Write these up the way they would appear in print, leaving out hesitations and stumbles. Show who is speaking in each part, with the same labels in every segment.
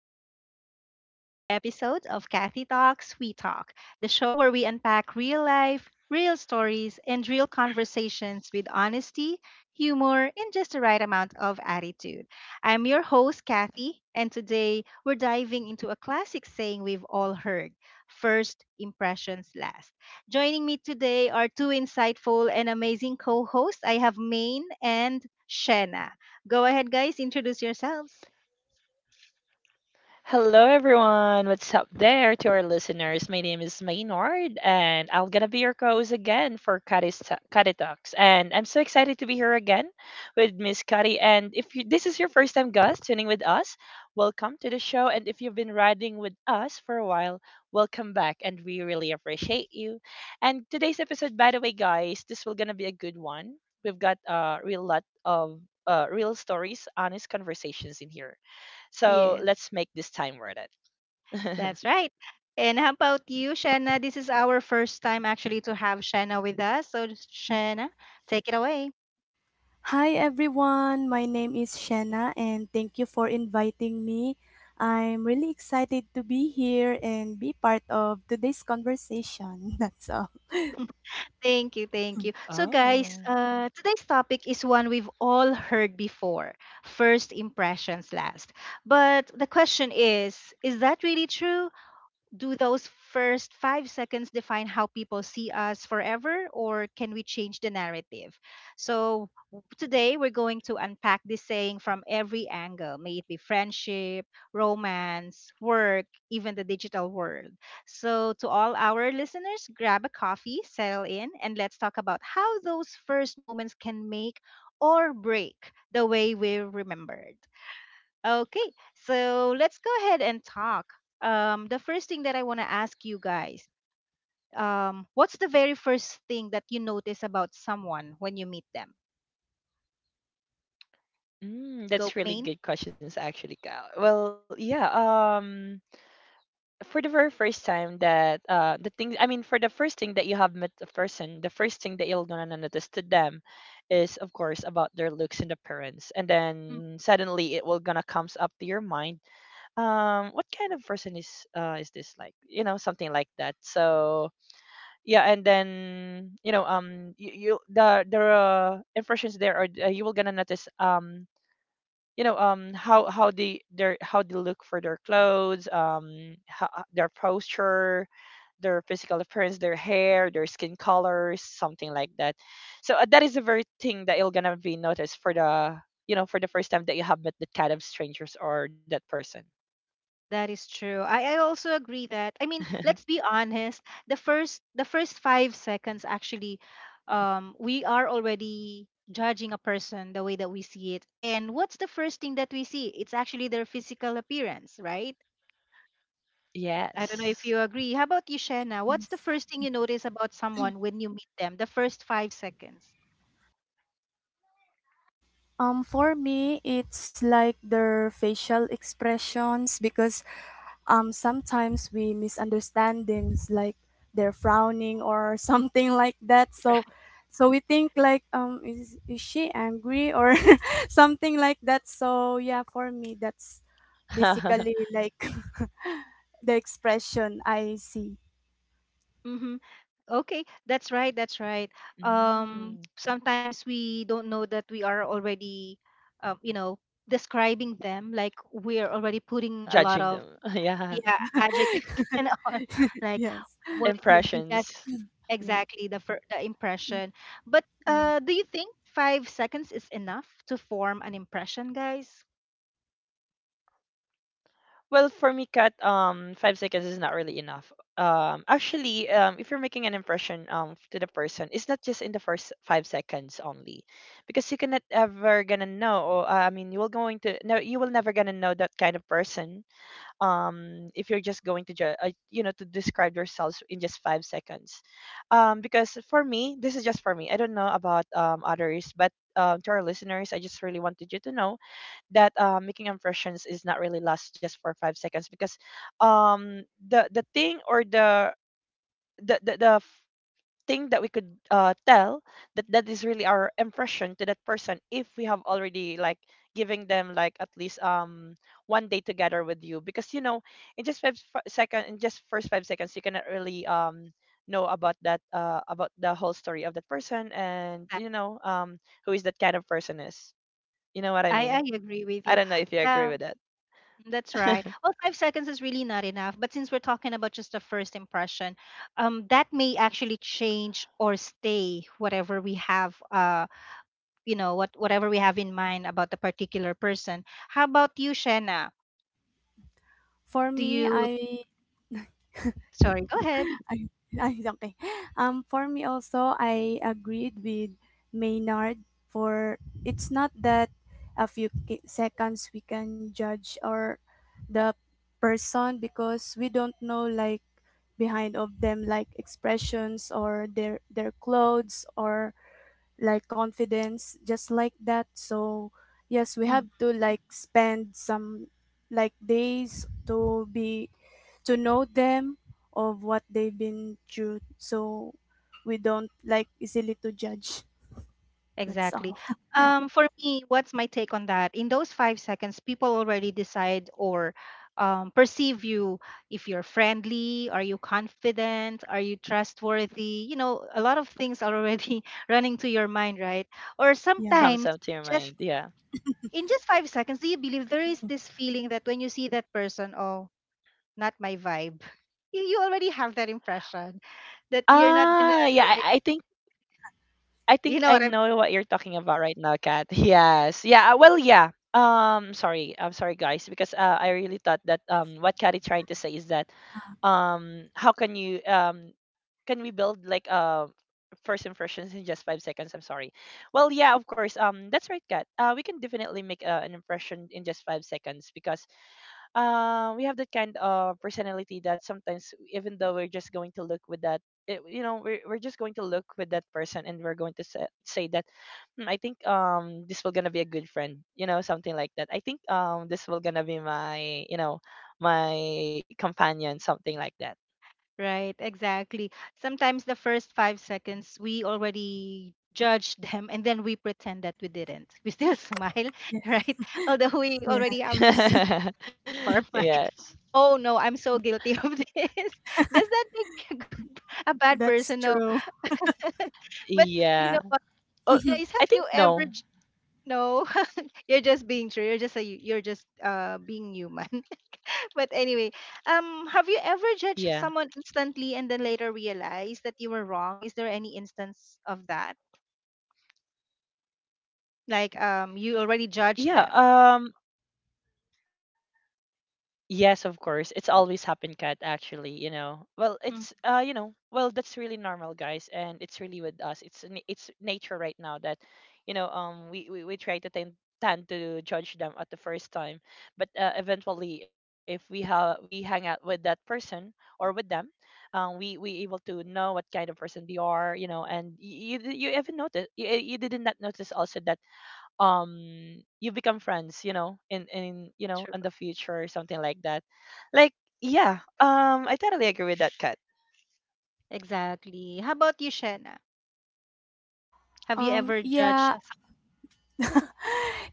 Speaker 1: and welcome to another episode of Kathy Talks We Talk, the show where we unpack real life, real stories, and real conversations with honesty, humor, and just the right amount of attitude. I'm your host, Kathy, and today we're diving into a classic saying we've all heard: first impressions last. Joining me today are two insightful and amazing co hosts. I have Maine and Shenna. Go ahead, guys, introduce yourselves.
Speaker 2: Hello, everyone. What's up there to our listeners? My name is Maynard, and I'm gonna be your co-host again for Kari Talks. And I'm so excited to be here again with Miss Kari. And if you, this is your first time, guys, tuning with us, welcome to the show. And if you've been riding with us for a while, welcome back, and we really appreciate you. And today's episode, by the way, guys, this will gonna be a good one. We've got a real lot of real stories, honest conversations in here. So
Speaker 1: Yes,
Speaker 2: let's make this time worth it.
Speaker 1: that's right. And how about you, Shanna? This is our first time actually to have Shanna with us. So, Shanna, take it away.
Speaker 3: Hi everyone, my name is Shanna and thank you for inviting me. I'm really excited to be here and be part of today's conversation. That's all.
Speaker 1: Thank you, thank you. So, guys,
Speaker 2: Oh.
Speaker 1: today's topic is one we've all heard before: first impressions last. But the question is that really true? Do those first 5 seconds define how people see us forever, or can we change the narrative? So, today we're going to unpack this saying from every angle, may it be friendship, romance, work, even the digital world. So, to all our listeners, grab a coffee, settle in, and let's talk about how those first moments can make or break the way we're remembered. Okay, so let's go ahead and talk. The first thing that I want to ask you guys, what's the very first thing that you notice about someone when you meet them? Go,
Speaker 2: That's really
Speaker 1: main.
Speaker 2: good questions actually, Cal. Well, yeah, for the very first time that the thing I mean for the first thing that you have met a person, the first thing that you're gonna notice to them is of course about their looks and appearance. And
Speaker 1: Mm.
Speaker 2: then suddenly it will gonna comes up to your mind. What kind of person is this like? You know, something like that. So yeah, and then you know, you, you the impressions there are you will gonna notice, you know, how they their how they look for their clothes, their posture, their physical appearance, their hair, their skin colors, something like that. So that is the very thing that you're gonna be noticed for the, you know, for the first time that you have met that kind of strangers or that person.
Speaker 1: That is true. I also agree that, I mean, let's be honest. The first 5 seconds actually, we are already judging a person the way that we see it. And what's the first thing that we see? It's actually their physical appearance, right? I don't know if you
Speaker 2: Yes.
Speaker 1: agree. How about you, Shena? What's the
Speaker 3: Yes.
Speaker 1: first thing you notice about someone when you meet them? The first 5 seconds.
Speaker 3: For me, it's like their facial expressions because sometimes we misunderstand things like they're frowning or something like that, so
Speaker 1: Right.
Speaker 3: so we think like is she angry or something like that. So yeah, for me that's basically like the expression I see.
Speaker 1: Mm-hmm. Okay, that's right. That's right.
Speaker 2: Mm,
Speaker 1: Sometimes we don't know that we are already, um, you know, describing them. Like we are already putting a lot
Speaker 2: judging
Speaker 1: of,
Speaker 2: them. Yeah.
Speaker 1: yeah,
Speaker 3: Yeah.
Speaker 1: adjectives and on. Like,
Speaker 3: Yes.
Speaker 1: what is this? He has
Speaker 2: Impressions.
Speaker 3: Yeah.
Speaker 1: exactly the the impression. But
Speaker 3: Mm.
Speaker 1: do you think 5 seconds is enough to form an impression, guys?
Speaker 2: Well, for me, Kat, 5 seconds is not really enough. If you're making an impression to the person, it's not just in the first 5 seconds only, because you cannot ever gonna know. Or, I mean, you will going to no, you will never gonna know that kind of person. If you're just going to you know, to describe yourselves in just 5 seconds, because for me, this is just for me. I don't know about others, but to our listeners, I just really wanted you to know that making impressions is not really last just for 5 seconds, because um the thing or the the thing that we could tell that, that is really our impression to that person if we have already like giving them like at least one day together with you, because you know, in just first 5 seconds you cannot really know about that, about the whole story of that person, and you know, who is that kind of person is, you know what I
Speaker 1: I
Speaker 2: mean.
Speaker 1: agree with
Speaker 2: I
Speaker 1: you.
Speaker 2: don't know if you agree
Speaker 1: Yeah,
Speaker 2: with that.
Speaker 1: that's right. Well, 5 seconds is really not enough. But since we're talking about just a first impression, that may actually change or stay whatever we have, what whatever we have in mind about the particular person. How about you, Shanna?
Speaker 3: For
Speaker 1: Do
Speaker 3: me,
Speaker 1: you?
Speaker 3: I
Speaker 1: Sorry, go ahead.
Speaker 3: ay, ay, okay. For me also, I agreed with Maynard, for it's not that a few seconds we can judge or the person, because we don't know like behind of them, like expressions or their clothes or like confidence, just like that. So yes, we have to like spend some like days to be to know them, of what they've been through. So we don't like easily to judge. That's
Speaker 1: Exactly.
Speaker 3: all.
Speaker 1: For me, what's my take on that? In those 5 seconds, people already decide or perceive you: if you're friendly, are you confident, are you trustworthy? You know, a lot of things are already running to your mind, right? Or
Speaker 3: Yeah.
Speaker 2: Comes
Speaker 1: sometimes
Speaker 2: up to your mind,
Speaker 1: just,
Speaker 2: yeah.
Speaker 1: in just 5 seconds, do you believe there
Speaker 3: Mm.
Speaker 1: is this feeling that when you see that person, oh, not my vibe? You already have that impression that you're not gonna,
Speaker 2: Ah, yeah,
Speaker 1: like,
Speaker 2: I think I
Speaker 1: you
Speaker 2: think
Speaker 1: know
Speaker 2: I
Speaker 1: what I'm—
Speaker 2: know what you're talking about right now, Kat. Yes. Yeah, sorry. I'm sorry, guys, because I really thought that what Kat is trying to say is that how can you can we build like first impressions in just 5 seconds. I'm sorry. Well, yeah, of course, that's right, Kat. We can definitely make an impression in just 5 seconds, because we have that kind of personality that sometimes even though we're just going to look with that, you know, we're just going to look with that person and we're going to say that, "Hmm, I think this will gonna be a good friend, you know, something like that. I think this will gonna be my, you know, my companion," something like that.
Speaker 1: Right, exactly. Sometimes the first 5 seconds, we already judge them and then we pretend that we didn't. We still smile,
Speaker 3: Yes.
Speaker 1: right? Although we
Speaker 3: Yeah.
Speaker 1: already have the things of our mind.
Speaker 2: Yes.
Speaker 1: Oh no, I'm so guilty of this. Does that make me a, good, a bad person?
Speaker 3: That's
Speaker 1: No.
Speaker 3: true.
Speaker 1: But you know
Speaker 2: Yeah.
Speaker 1: what,
Speaker 2: Oh.
Speaker 1: guys,
Speaker 2: I
Speaker 1: have you
Speaker 2: think
Speaker 1: ever
Speaker 2: no.
Speaker 1: no, you're just being true. You're just a, you're just being human. But anyway, have you ever
Speaker 2: Yeah,
Speaker 1: judged someone instantly and then later realized that you were wrong? Is there any instance of that? Like, you already judged
Speaker 2: yeah.
Speaker 1: them.
Speaker 2: Yes, of course. It's always happened, Kat, actually, you know. Well,
Speaker 1: Mm,
Speaker 2: it's you know, well, that's really normal, guys, and it's really with us. It's it's nature right now that, you know, we try to tend to judge them at the first time, but eventually if we have we hang out with that person or with them, we able to know what kind of person they are, you know, and you you even notice, you did not notice also that you become friends, you know, in you know,
Speaker 1: true.
Speaker 2: in the future or something like that, like. Yeah, I totally agree with that, Kat.
Speaker 1: Exactly. How about you, Shena? Have you ever judged
Speaker 3: Yeah.
Speaker 1: some—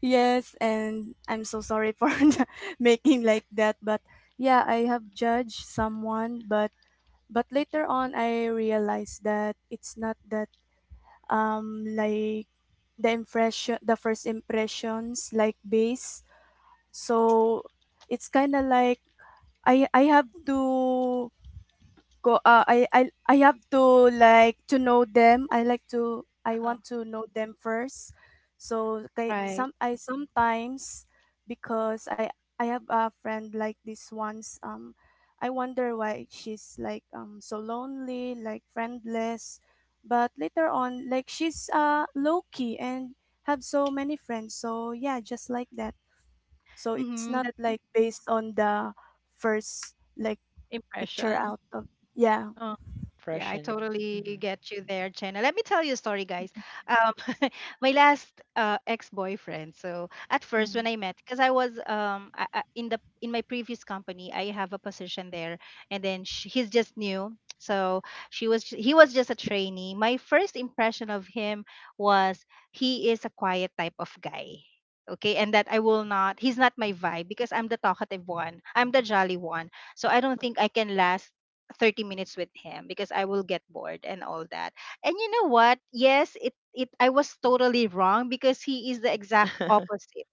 Speaker 3: Yes, and I'm so sorry for making like that, but yeah, I have judged someone. But later on I realized that it's not that, like, the impression, the first impressions, like base. So it's kind of like I have to go I have to, like, to know them. I like to, I
Speaker 1: Uh-huh.
Speaker 3: want to know them first. So kay,
Speaker 1: Right.
Speaker 3: some I sometimes, because I have a friend like this once. I wonder why she's like, so lonely, like friendless, but later on, like, she's low key and have so many friends. So yeah, just like that. So it's
Speaker 1: Mm-hmm,
Speaker 3: not
Speaker 1: that
Speaker 3: like based on the first, like, picture
Speaker 1: impression.
Speaker 3: out of... Yeah.
Speaker 1: Yeah, I
Speaker 2: Russian. Hmm.
Speaker 1: totally get you there, Jenna. Let me tell you a story, guys. Um, my last ex-boyfriend. So at first, when
Speaker 3: Mm.
Speaker 1: I met, because I was in the in my previous company, I have a position there, and then sh he's just new. So she was he was just a trainee. My first impression of him was he is a quiet type of guy. Okay, and that I will not, he's not my vibe because I'm the talkative one. I'm the jolly one. So I don't think I can last 30 minutes with him because I will get bored and all that. And you know what? Yes, it I was totally wrong because he is the exact opposite,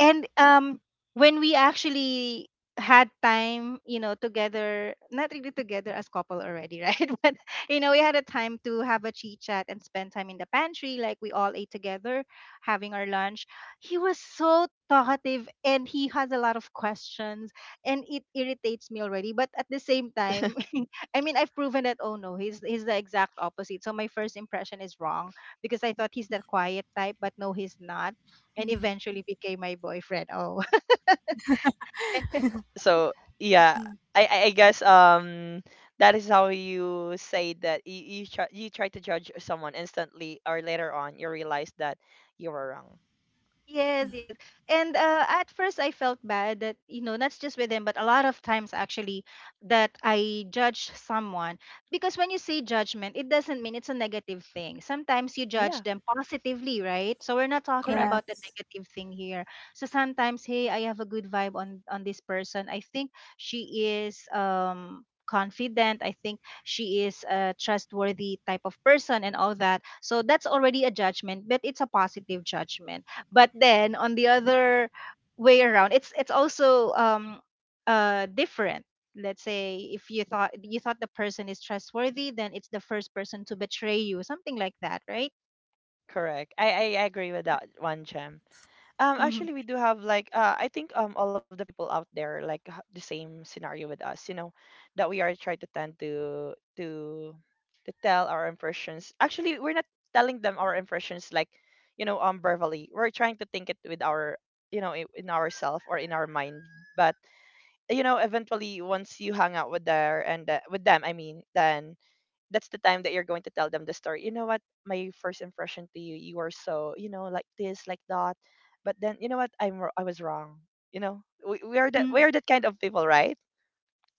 Speaker 1: and when we actually had time, you know, together, not really together as couple already, right? But you know, we had a time to have a chit chat and spend time in the pantry. Like we all ate together having our lunch, he was so talkative, and he has a lot of questions, and it irritates me already. But at the same time, I mean, I've proven that, oh no, he's the exact opposite. So my first impression is wrong because I thought he's that quiet type, but no, he's not. And
Speaker 3: Mm-hmm.
Speaker 1: eventually became my boyfriend. Oh.
Speaker 2: So yeah,
Speaker 3: Mm.
Speaker 2: I guess that is how you say that you try to judge someone instantly or later on you realize that you were wrong.
Speaker 1: Yes, yes. And at first, I felt bad that, you know, not just with him, but a lot of times actually that I judge someone. Because when you say judgment, it doesn't mean it's a negative thing. Sometimes you judge
Speaker 2: Yeah,
Speaker 1: them positively, right? So we're not talking
Speaker 2: correct,
Speaker 1: about the
Speaker 3: Yes.
Speaker 1: negative thing here. So sometimes, hey, I have a good vibe on this person. I think she is confident. I think she is a trustworthy type of person and all that. So that's already a judgment, but it's a positive judgment. But then on the other way around, it's also different. Let's say if you thought the person is trustworthy, then it's the first person to betray you, something like that, right?
Speaker 2: correct. I agree with that one, Jem.
Speaker 1: Hmm.
Speaker 2: Actually, we do have like I think all of the people out there like the same scenario with us, you know, that we are trying to tend to to tell our impressions. Actually, we're not telling them our impressions like, you know, verbally. We're trying to think it with our, you know, in ourself or in our mind. But you know, eventually, once you hang out with their and, with them, I mean, then that's the time that you're going to tell them the story. You know what? My first impression to you, you were so, you know, like this, like that. But then, you know what? I was wrong. You know,
Speaker 1: Mm.
Speaker 2: we are that kind of people, right?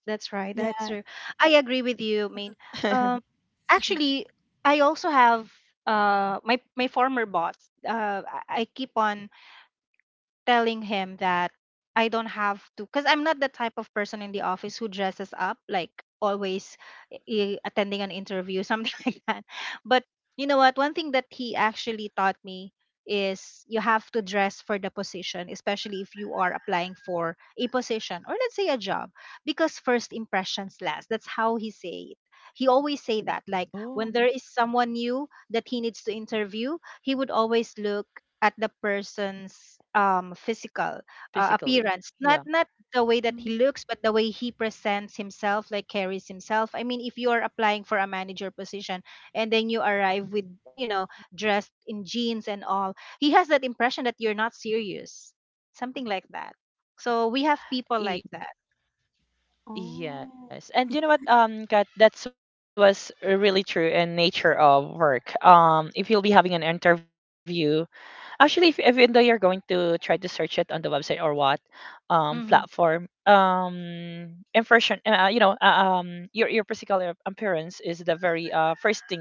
Speaker 1: That's right. That's
Speaker 3: Yeah.
Speaker 1: true. I agree with you, I mean, um actually I also have my my former boss uh I keep on telling him that I don't have to, because I'm not the type of person in the office who dresses up like always attending an interview, something like that. But you know what? One thing that he actually taught me is you have to dress for the position, especially if you are applying for a position or let's say a job, because first impressions last. That's how he say it. He always say that like
Speaker 2: Oh,
Speaker 1: when there is someone new that he needs to interview, he would always look at the person's physical
Speaker 2: basically,
Speaker 1: appearance. Not
Speaker 2: yeah.
Speaker 1: not The way that
Speaker 3: Mm.
Speaker 1: he looks, but the way he presents himself, like carries himself. I mean, if you are applying for a manager position and then you arrive with, you know, dressed in jeans and all, he has that impression that you're not serious, something like that. So we have people like that.
Speaker 2: E-
Speaker 3: Oh.
Speaker 2: yes, and you know what? Kat, that was really true in nature of work. If you'll be having an interview, actually, if, even though you're going to try to search it on the website or what
Speaker 1: Hmm.
Speaker 2: platform, impression you know, your physical appearance is the very first thing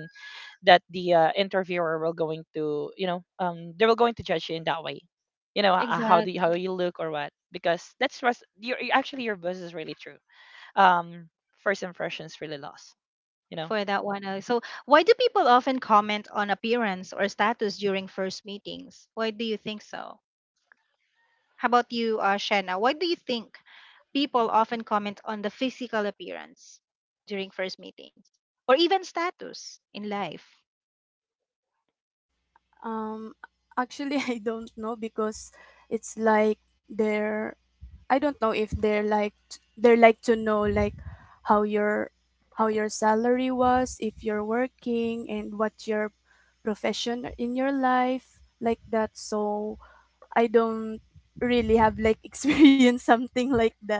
Speaker 2: that the interviewer will going to, you know, they will going to judge you in that way, you know, how do you,
Speaker 1: Exactly.
Speaker 2: how you look or what, because that's actually your buzz is really true. um first impressions really lost, you know.
Speaker 1: For that one, so why do people often comment on appearance or status during first meetings? Why do you think so? How about you, Shanna? Why do you think people often comment on the physical appearance during first meetings or even status in life?
Speaker 3: Um Actually, I don't know, because it's like they're, I don't know if they're like they're like to know, like, how your how your salary was, if you're working, and what your profession in your life, like that. So I don't really have, like, experienced something like that.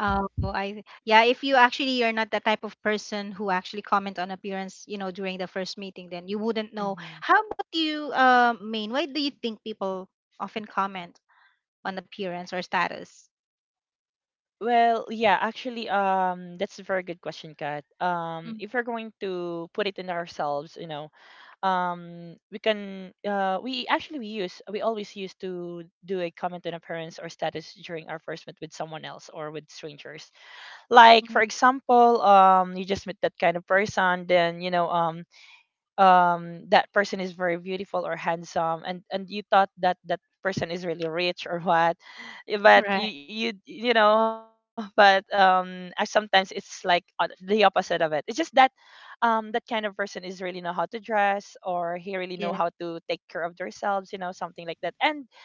Speaker 1: Oh, I— yeah, if you actually are not the type of person who actually comment on appearance, you know, during the first meeting, then you wouldn't know.
Speaker 2: Mm-hmm.
Speaker 1: How about you, Main? Why do you think people often comment on appearance or status?
Speaker 2: Well, yeah, actually, that's a very good question, Kat.
Speaker 1: Mm,
Speaker 2: If we're going to put it in ourselves, you know, we actually we always used to do a comment on appearance or status during our first meet with someone else or with strangers. Like,
Speaker 1: mm,
Speaker 2: for example, you just met that kind of person, then you know, that person is very beautiful or handsome, and you thought that that person is really rich or what. But
Speaker 1: right.
Speaker 2: you know, but sometimes it's like the opposite of it. It's just that that kind of person is really know how to dress or he really know
Speaker 1: Yeah.
Speaker 2: how to take care of themselves, you know, something like that. And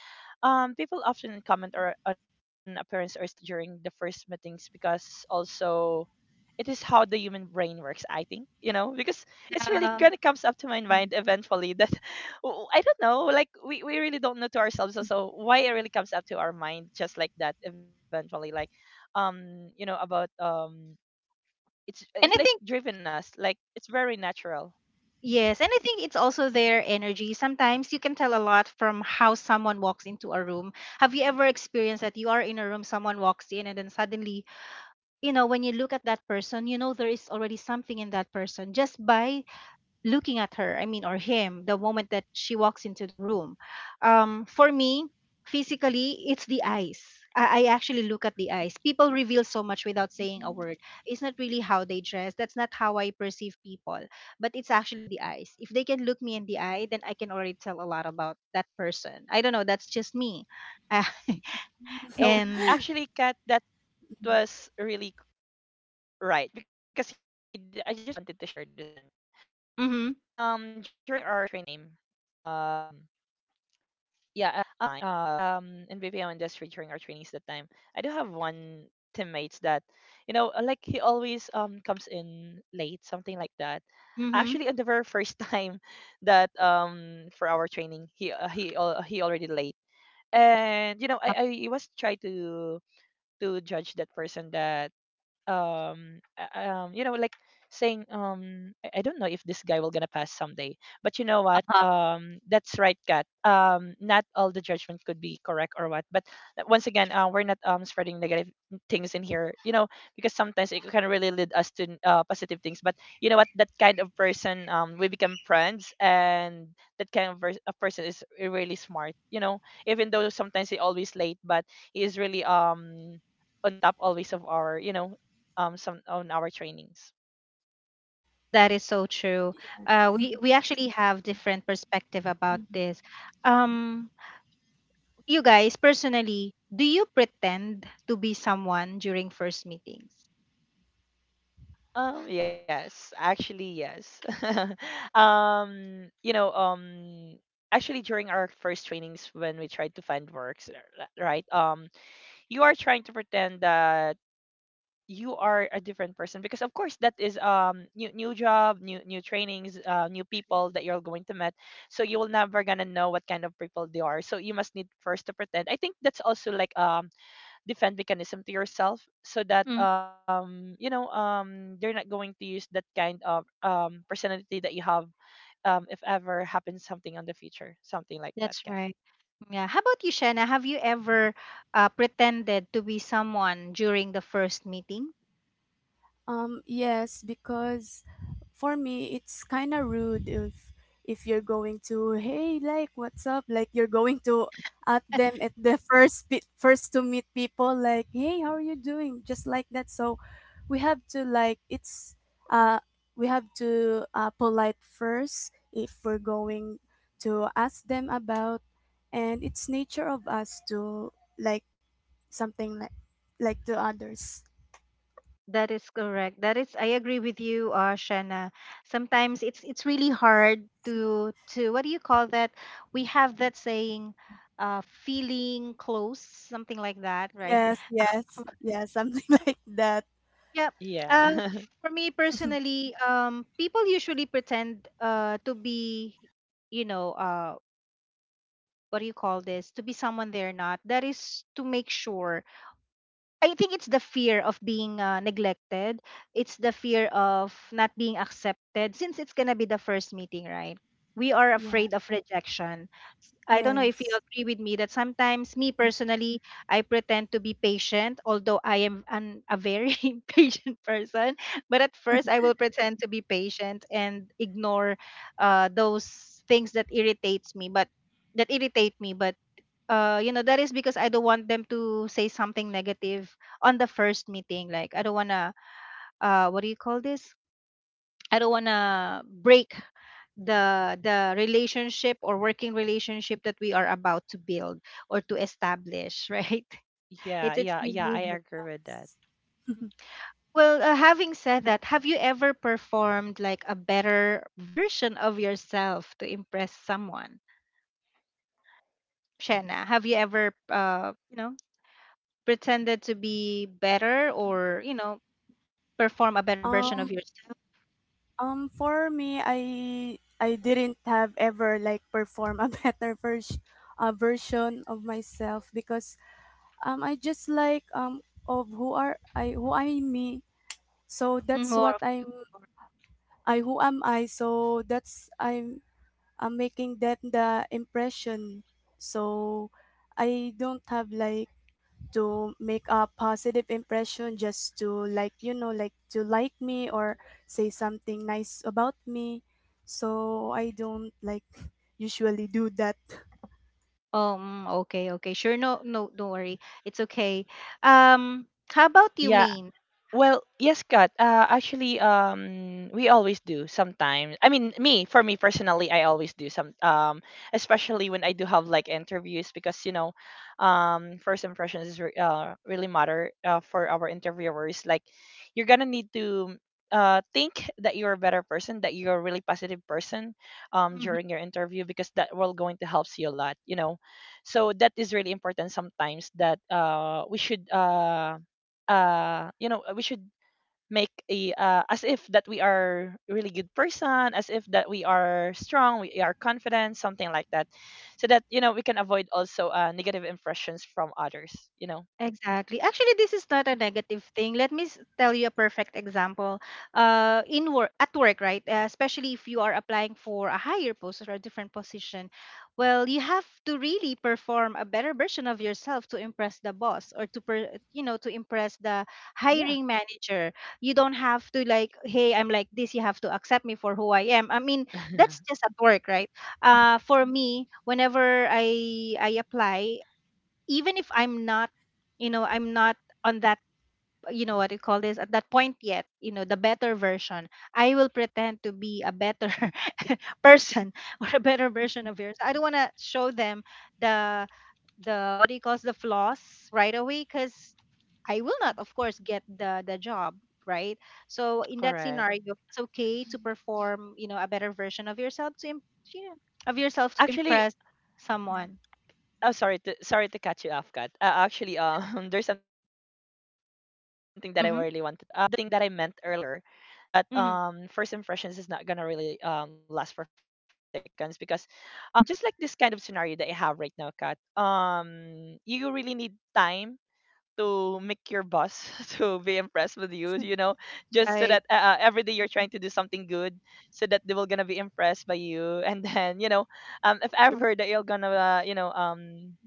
Speaker 2: people often on appearance or status during the first meetings because also it is how the human brain works. I think, you know, because it's really
Speaker 1: Uh,
Speaker 3: Mm.
Speaker 2: gonna comes up to my mind eventually that I don't know, like we really don't know to ourselves also why it really comes up to our mind just like that eventually, like you know about it's like
Speaker 1: and I think—
Speaker 2: driven us, like it's very natural.
Speaker 1: yes, and I think it's also their energy. Sometimes you can tell a lot from how someone walks into a room. Have you ever experienced that you are in a room, someone walks in, and then suddenly, you know, when you look at that person, you know there is already something in that person just by looking at her, I mean, or him, the moment that she walks into the room. For me, physically, it's the eyes. I actually look at the eyes. People reveal so much without saying a word. It's not really how they dress, that's not how I perceive people, but it's actually the eyes. If they can look me in the eye, then I can already tell a lot about that person. I don't know, that's just me. And—
Speaker 2: Oh, actually, Kat, that was really right, because you know I just really wanted to share this one. During our
Speaker 1: mhm,
Speaker 2: trainings that time, um, yeah, in BPO industry during our trainings that time, I do have one teammates that, you know, like he always comes in late, something like that. Actually, on the
Speaker 1: mhm.
Speaker 2: very first time that for our training, he already late, and you know I was trying to judge that person, that um uh, um you know like saying I don't know if this guy will gonna pass someday. But you know what, that's right, Kat. Not all the judgment could be correct or what, but once again, we're not spreading negative things in here, you know, because sometimes it can really lead us to positive things. But you know what, that kind of person, we become friends, and that kind of a person is really smart, you know, even though sometimes he always late, but he is really on top always of our, you know, some on our trainings.
Speaker 1: That is so true. We actually have different perspective about this. Um, you guys personally, do you pretend to be someone during first meetings?
Speaker 2: Yes, actually, yes. um you know um Actually, during our first trainings, when we tried to find right, you are trying to pretend that you are a different person, because of course that is new job, new trainings, new people that you're going to meet. So you will never gonna know what kind of people they are, so you must need first to pretend. I think that's also like defend mechanism to yourself, so that
Speaker 1: True.
Speaker 2: you know, they're not going to use that kind of personality that you have if ever happens something on the future, something like that, cat
Speaker 1: That's right. Yeah. How about you, Shanna? Have you ever pretended to be someone during the first meeting?
Speaker 3: Yes, because for me, it's kind of rude if you're going to, hey, like, what's up, like, you're going to at them at the first first to meet people, like, hey, how are you doing, just like that. So we have to, like, it's uh we have to polite first if we're going to ask them about. And it's nature of us to like something like to others.
Speaker 1: That is correct. That is, I agree with you, Shanna. Sometimes it's really hard to what do you call that? We have that saying, feeling close, something like that, right?
Speaker 3: Yes, yes, yes, something like that.
Speaker 1: Yeah.
Speaker 2: yeah
Speaker 1: Uh, for me personally, people usually pretend to be, you know, uh, what do you call this, to be someone they're not, that is to make sure, I think it's the fear of being neglected. It's the fear of not being accepted since it's gonna be the first meeting, right? We are
Speaker 3: Yeah,
Speaker 1: afraid of rejection. I don't know if you
Speaker 3: yes,
Speaker 1: agree with me that sometimes, me personally, I pretend to be patient although I am a very impatient person, but at first I will pretend to be patient and ignore those things that irritates me but that irritate me, but that is because I don't want them to say something negative on the first meeting. Like, I don't wanna, what do you call this? I don't wanna break the relationship or working relationship that we are about to build or to establish, right?
Speaker 2: Yeah,
Speaker 1: It's
Speaker 2: yeah,
Speaker 1: it's
Speaker 2: yeah, I
Speaker 1: really
Speaker 2: agree with that.
Speaker 3: yes.
Speaker 1: well. Having said that, have you ever performed like a better version of yourself to impress someone? Shanna, have you ever, pretended to be better, or perform a better version
Speaker 3: Um,
Speaker 1: of yourself?
Speaker 3: for me, I didn't have ever, like, perform a better version, a version of myself, because I just like of who are I, who I me. So
Speaker 1: Mm-hmm.
Speaker 3: that's
Speaker 1: Or
Speaker 3: what
Speaker 1: of
Speaker 3: I'm,
Speaker 1: you.
Speaker 3: I who am I. So that's I'm making them the impression. So I don't have like to make a positive impression just to, like, you know, like to like me or say something nice about me. So I don't like usually do that.
Speaker 1: Okay, okay, sure, no, no, don't worry, it's okay. um how about you,
Speaker 2: Yeah.
Speaker 1: mean
Speaker 2: Well, yes, Kat. We always do sometimes. I mean, me for me personally, I always do some. Especially when I do have like interviews, because you know, first impressions is really matter for our interviewers. Like, you're gonna need to think that you're a better person, that you're a really positive person, during your interview, because that will going to helps you a lot. You know, so that is really important sometimes that we should make a, as if that we are really good person, as if that we are strong, we are confident, something like that, so that you know we can avoid also negative impressions from others, you know.
Speaker 1: Exactly. Actually, this is not a negative thing. Let me tell you a perfect example. In work, at work, right? Especially if you are applying for a higher post or a different position, well, you have to really perform a better version of yourself to impress the boss, or to, to impress the
Speaker 2: Yeah.
Speaker 1: hiring manager. You don't have to like, hey, I'm like this, you have to accept me for who I am. I mean, that's just at work, right? For me, whenever I apply, even if I'm not, I'm not on that, you know, what you call this at that point yet, the better version, I will pretend to be a better person, or a better version of yours. I don't want to show them the, the, what do you call this, the flaws right away, because I will not, of course, get the job. Right. So in that
Speaker 2: Correct,
Speaker 1: scenario, it's okay to perform, a better version of yourself to, you know, of yourself to
Speaker 2: actually.
Speaker 1: impress someone.
Speaker 2: Oh, sorry to, sorry to catch you off, Kat. Actually, there's something that I really want to tell you. This is
Speaker 1: Mm-hmm.
Speaker 2: the thing that I meant earlier, that
Speaker 1: Mm-hmm.
Speaker 2: first impressions is not gonna really last for 5 seconds, because just like this kind of scenario that I have right now, Kat, you really need time to make your boss to be impressed with you, you know, just so
Speaker 1: Right.
Speaker 2: that every day you're trying to do something good, so that they will gonna be impressed by you and then you know if ever that you're gonna you know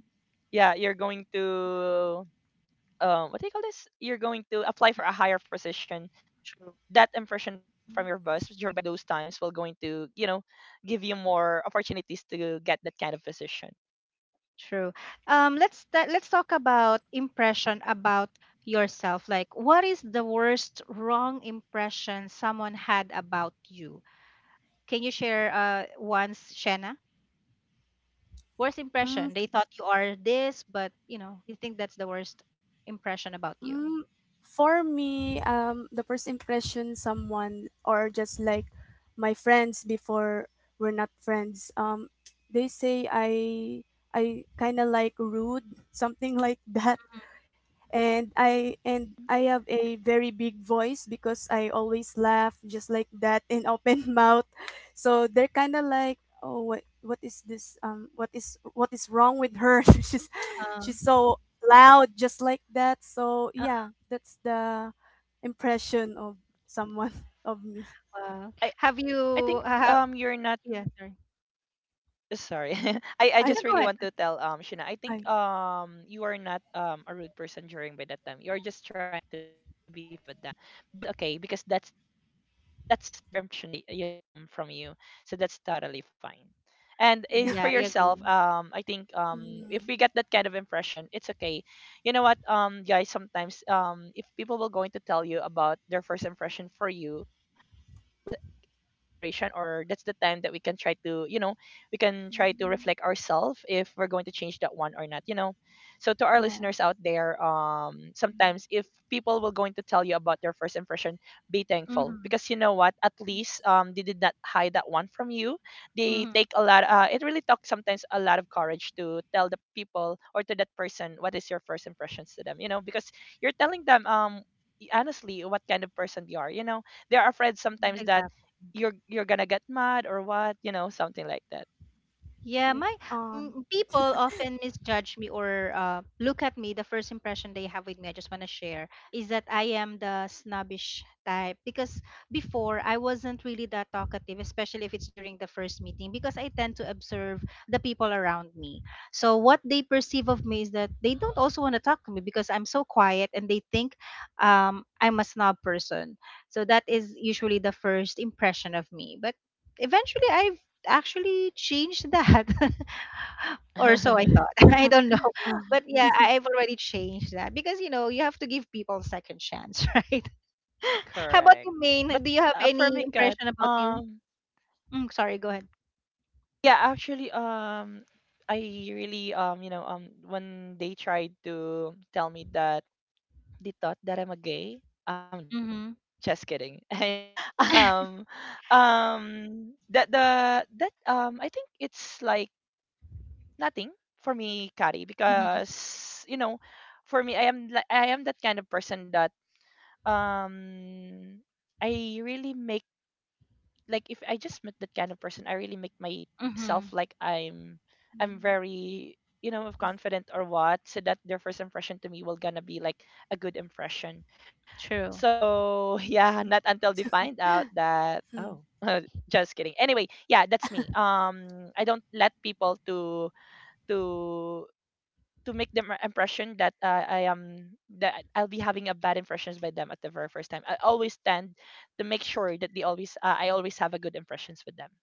Speaker 2: yeah you're going to what do you call this? You're going to apply for a higher position.
Speaker 1: True,
Speaker 2: That impression from your boss during by those times will going to, you know, give you more opportunities to get that kind of position.
Speaker 1: true. Let's let's talk about impression about yourself. Like, what is the worst wrong impression someone had about you? Can you share once, Shanna? Worst
Speaker 3: Mm,
Speaker 1: impression. They thought you are this, but you know, you think that's the worst impression about you.
Speaker 3: mm, for me the first impression someone, or just like my friends before, we're not friends, they say I kind of like rude something like that. And I, and I have a very big voice, because I always laugh just like that in open mouth. So they're kind of like, oh, what is this? What is wrong with her? she's
Speaker 1: Uh,
Speaker 3: she's so loud, just like that. So
Speaker 1: uh,
Speaker 3: yeah, that's the impression of someone of me.
Speaker 1: wow.
Speaker 2: I
Speaker 1: Have
Speaker 2: I
Speaker 1: you?
Speaker 2: think you're not.
Speaker 1: Yeah, sorry.
Speaker 2: Sorry.
Speaker 1: No,
Speaker 3: I
Speaker 2: I
Speaker 1: go ahead.
Speaker 2: just really want to tell Shina,
Speaker 3: I
Speaker 2: I think you are not a rude person during by that time. You're just trying to be friendly with them, but that's okay, because that's their impression by, you know, from you, so that's totally fine. And for
Speaker 1: Yeah, I agree.
Speaker 2: yourself, I think if
Speaker 3: mm,
Speaker 2: we get that kind of impression, it's okay. You know what, guys, sometimes, if people will going to tell you about their first impression for you, we should make it this like inspiration, or that's the time that we can try to, you know, we can try to
Speaker 3: mm,
Speaker 2: reflect ourselves if we're going to change that one or not, you know. So to our
Speaker 3: yeah.
Speaker 2: listeners out there,
Speaker 3: Mm,
Speaker 2: sometimes if people were going to tell you about their first impression, be thankful,
Speaker 1: Mm-hmm.
Speaker 2: because you know what, at least they did not hide that one from you. They
Speaker 1: Mm-hmm.
Speaker 2: take a lot, it really talks sometimes a lot of courage to tell the people or to that person what is your first impressions to them, you know, because you're telling them honestly what kind of person you are, you know. They are afraid sometimes that
Speaker 1: Exactly.
Speaker 2: you're gonna get mad or what, you know, something like that.
Speaker 1: Yeah,
Speaker 3: yeah.
Speaker 1: my
Speaker 3: um
Speaker 1: mm, people often misjudge me, or look at me. The first impression they have with me, I just want to share, is that I am the snobbish type. Because before, I wasn't really that talkative, especially if it's during the first meeting, because I tend to observe the people around me. So, what they perceive of me is that they don't also want to talk to me because I'm so quiet, and they think I'm a snob person. So, that is usually the first impression of me. But eventually I actually changed that, or so I thought. I don't know,
Speaker 3: uh,
Speaker 1: but yeah, have already changed that, because you know, you have to give people second chance, right? How about
Speaker 2: Correct.
Speaker 1: you, Main,
Speaker 2: But
Speaker 1: do you have
Speaker 2: for me,
Speaker 1: any
Speaker 2: cat
Speaker 1: impression about you? Mm, sorry, go ahead.
Speaker 2: yeah, actually, I really, you know, when they tried to tell me that they thought that I'm a gay. I'm Joe,
Speaker 1: Mm-hmm.
Speaker 2: just kidding. Anyway, um that the that I think it's like nothing for me, Kari,
Speaker 1: Mm-hmm.
Speaker 2: because you know, for me, I am I am that kind of person that um I really make, like if I just met that kind of person, I really make
Speaker 1: Mm-hmm.
Speaker 2: myself like I'm
Speaker 3: mm,
Speaker 2: very, you know, confident or what, so that their first impression to me will gonna be like a good impression.
Speaker 1: True.
Speaker 2: So yeah, not until they find out that,
Speaker 3: hmm,
Speaker 2: oh. Just kidding anyway. Yeah, that's me. I don't let people to to to make them impression that I am, that I'll be having a bad impressions by them at the very first time. I always tend to make sure that they always I always have a good impressions with them.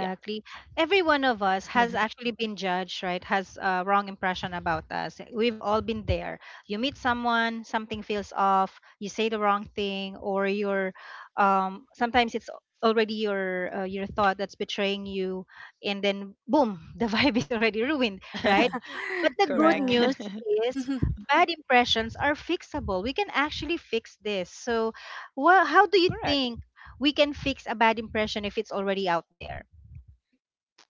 Speaker 2: Yeah.
Speaker 1: Every one of us has actually been judged, right? Has a wrong impression about us. We've all been there. You meet someone, something feels off, you say the wrong thing, or you're sometimes it's already your thought that's betraying you, and then boom, the vibe is already ruined, right? But the good
Speaker 2: Correct,
Speaker 3: yeah.
Speaker 1: news is, bad impressions are fixable. We can actually fix this. So, wha how do you
Speaker 2: correct.
Speaker 1: think we can fix a bad impression if it's already out there?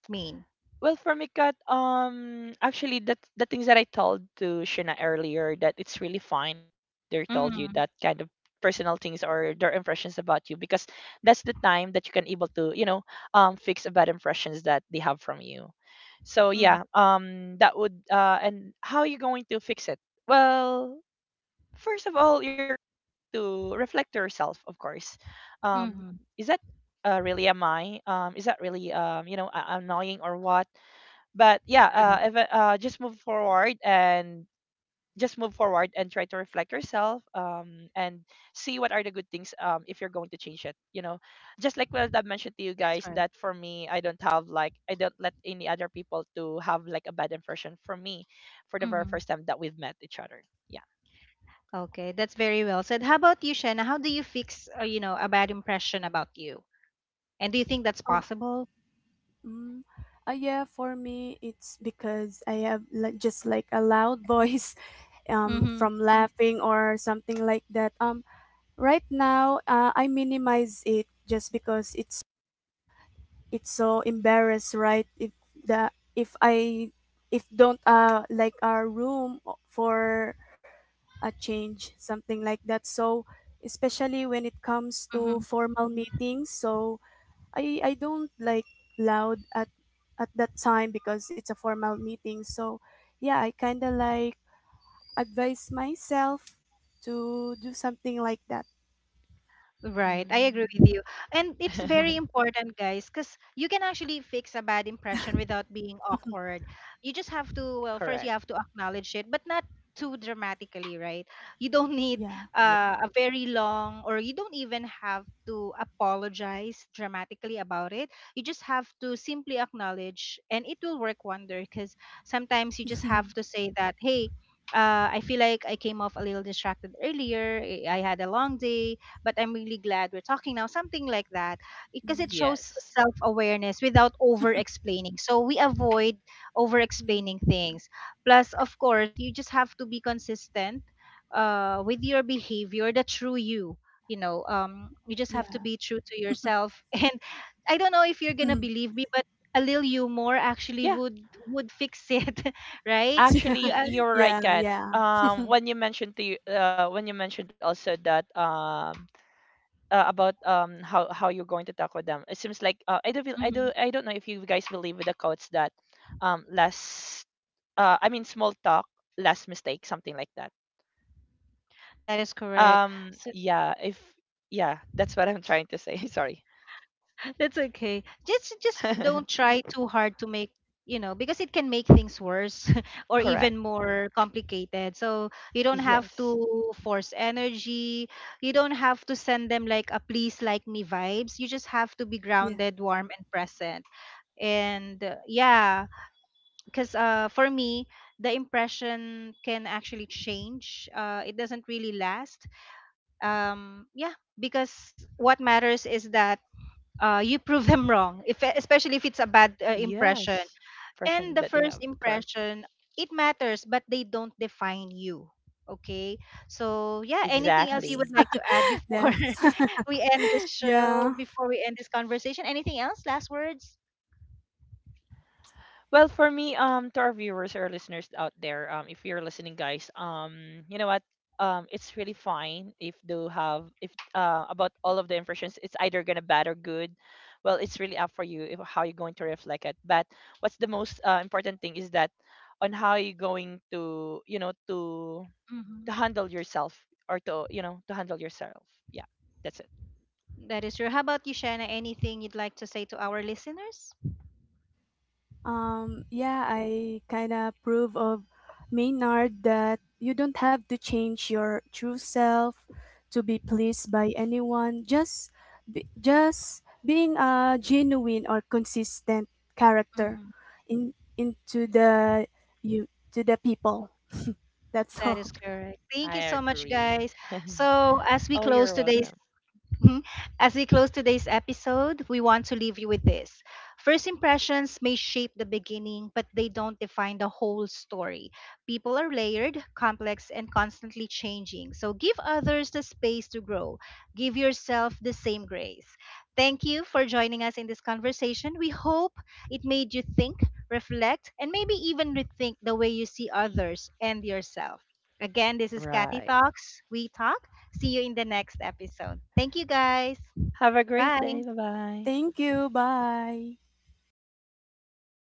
Speaker 1: Mean.
Speaker 2: Well, for me, Kat, actually, that the things that I told to Shina earlier, that it's really fine if they told you that
Speaker 1: Mhm.
Speaker 2: kind of personal things or their impressions about you, because that's the time that you can able to, you know, fix a bad impressions that they have from you. So
Speaker 1: Mhm.
Speaker 2: yeah, that would and how you going to fix it? Well, first of all, you're going to reflect to yourself, of course. Um, is
Speaker 1: Mhm.
Speaker 2: that really am I? Is that really, you know, annoying or what? But yeah,
Speaker 1: Right.
Speaker 2: if, just move forward and try to reflect yourself and see what are the good things, if you're going to change it, you know, just like what I've mentioned to you
Speaker 1: That's
Speaker 2: guys,
Speaker 1: right.
Speaker 2: that for me, I don't have like, I don't let any other people to have like a bad impression for me for the very
Speaker 1: Mhm.
Speaker 2: first time that we've met each other. Yeah.
Speaker 1: Okay, that's very well said. How about you, Shanna? How do you fix, a bad impression about you? And do you think that's possible?
Speaker 3: Mm, yeah, for me, it's because I have, like, just like a loud voice
Speaker 1: Mhm.
Speaker 3: from laughing or something like that. Right now, I minimize it, just because it's so embarrassed, right? If the if I if don't like our room for a change, something like that. So especially when it comes to
Speaker 1: Mhm.
Speaker 3: formal meetings. So I don't like loud at that time because it's a formal meeting. So yeah, I kind of like advise myself to do something like that.
Speaker 1: Right, I
Speaker 2: Mm.
Speaker 1: agree with you. And it's very important, guys, because you can actually fix a bad impression without being awkward. You just have to, well,
Speaker 2: Correct.
Speaker 1: first you have to acknowledge it, but not too dramatically, right? You don't
Speaker 2: Yep.
Speaker 1: need
Speaker 3: Yeah.
Speaker 1: a very long, or you don't even have to apologize dramatically about it. You just have to simply acknowledge, and it will work wonder, because sometimes you just have to say that, hey, I feel like I came off a little distracted earlier. I had a long day but I'm really glad we're talking now. Something like that, because 'cause
Speaker 3: Mm,
Speaker 1: it shows
Speaker 2: Yes.
Speaker 1: self awareness without over explaining. So we avoid over
Speaker 3: mm,
Speaker 1: explaining things. Plus, of course, you just have to be consistent with your behavior, the true you. You know, you just have to
Speaker 3: yeah.
Speaker 1: be true to yourself. And I don't know if you're gonna
Speaker 3: Mm.
Speaker 1: believe me, but a little humor actually
Speaker 2: Yeah,
Speaker 1: would fix it, right? You
Speaker 2: actually,
Speaker 1: add,
Speaker 2: you're right,
Speaker 3: Yeah.
Speaker 2: Kat.
Speaker 3: Yeah.
Speaker 2: When you mentioned to you, when you mentioned also that about how you're going to tackle them. It seems like, I do not feel, I
Speaker 1: mhm,
Speaker 2: do, I don't know if you guys believe with the quotes that less, I mean, small talk, less mistake, something like that.
Speaker 1: that is correct. So,
Speaker 2: Yeah, if, yeah, that's what I'm trying to say. Sorry.
Speaker 1: that's okay. Just don't try too hard to make, you know, because it can make things worse or
Speaker 2: Correct.
Speaker 1: even more complicated. So you don't have to
Speaker 2: Yes.
Speaker 1: force energy. You don't have to send them like a please like me vibes. You just have to be
Speaker 3: Yeah.
Speaker 1: grounded, warm and present. And yeah, because for me, the impression can actually change. It doesn't really last. Yeah, because what matters is that you prove them wrong, if, especially if it's a bad impression.
Speaker 2: Yes.
Speaker 1: And the
Speaker 2: Version that they
Speaker 1: first
Speaker 2: have. Correct.
Speaker 1: impression, it matters, but they don't define you. Okay. So, yeah, anything else you would
Speaker 3: Yes.
Speaker 2: Exactly.
Speaker 1: like to add before
Speaker 3: Yes.
Speaker 1: we end this show,
Speaker 3: Yeah.
Speaker 1: before we end this conversation? Anything else? Last words?
Speaker 2: Well, for me, to our viewers or listeners out there, if you're listening, guys, you know what? It's really fine if do have, if about all of the impressions. It's either gonna bad or good. Well, it's really up for you if, how you're going to reflect it. But what's the most important thing is that on how you're going to, you know, to
Speaker 1: Mhm.
Speaker 2: handle yourself, or to, you know, to handle yourself. Yeah, that's it.
Speaker 1: That is true. How about you, Shanna? Anything you'd like to say to our listeners?
Speaker 3: Yeah, I kind of approve of Maynard, that you don't have to change your true self to be pleased by anyone. Just, be, just being a genuine or consistent character
Speaker 1: Mhm.
Speaker 3: in into the you, to the people. That's
Speaker 1: That
Speaker 3: all.
Speaker 1: is correct. Thank you
Speaker 2: I
Speaker 1: so much,
Speaker 2: agree.
Speaker 1: guys. So, as we
Speaker 2: Oh,
Speaker 1: close
Speaker 2: you're
Speaker 1: today's
Speaker 2: welcome.
Speaker 1: mhm. As we close today's episode, we want to leave you with this. First impressions may shape the beginning, but they don't define the whole story. People are layered, complex, and constantly changing. So give others the space to grow. Give yourself the same grace. Thank you for joining us in this conversation. We hope it made you think, reflect, and maybe even rethink the way you see others and yourself. Again, this is Cathy
Speaker 2: Right.
Speaker 1: Talks. We talk. See you in the next episode. Thank you guys.
Speaker 2: Have a great
Speaker 1: Bye.
Speaker 2: day. Bye bye
Speaker 3: Thank you. Bye.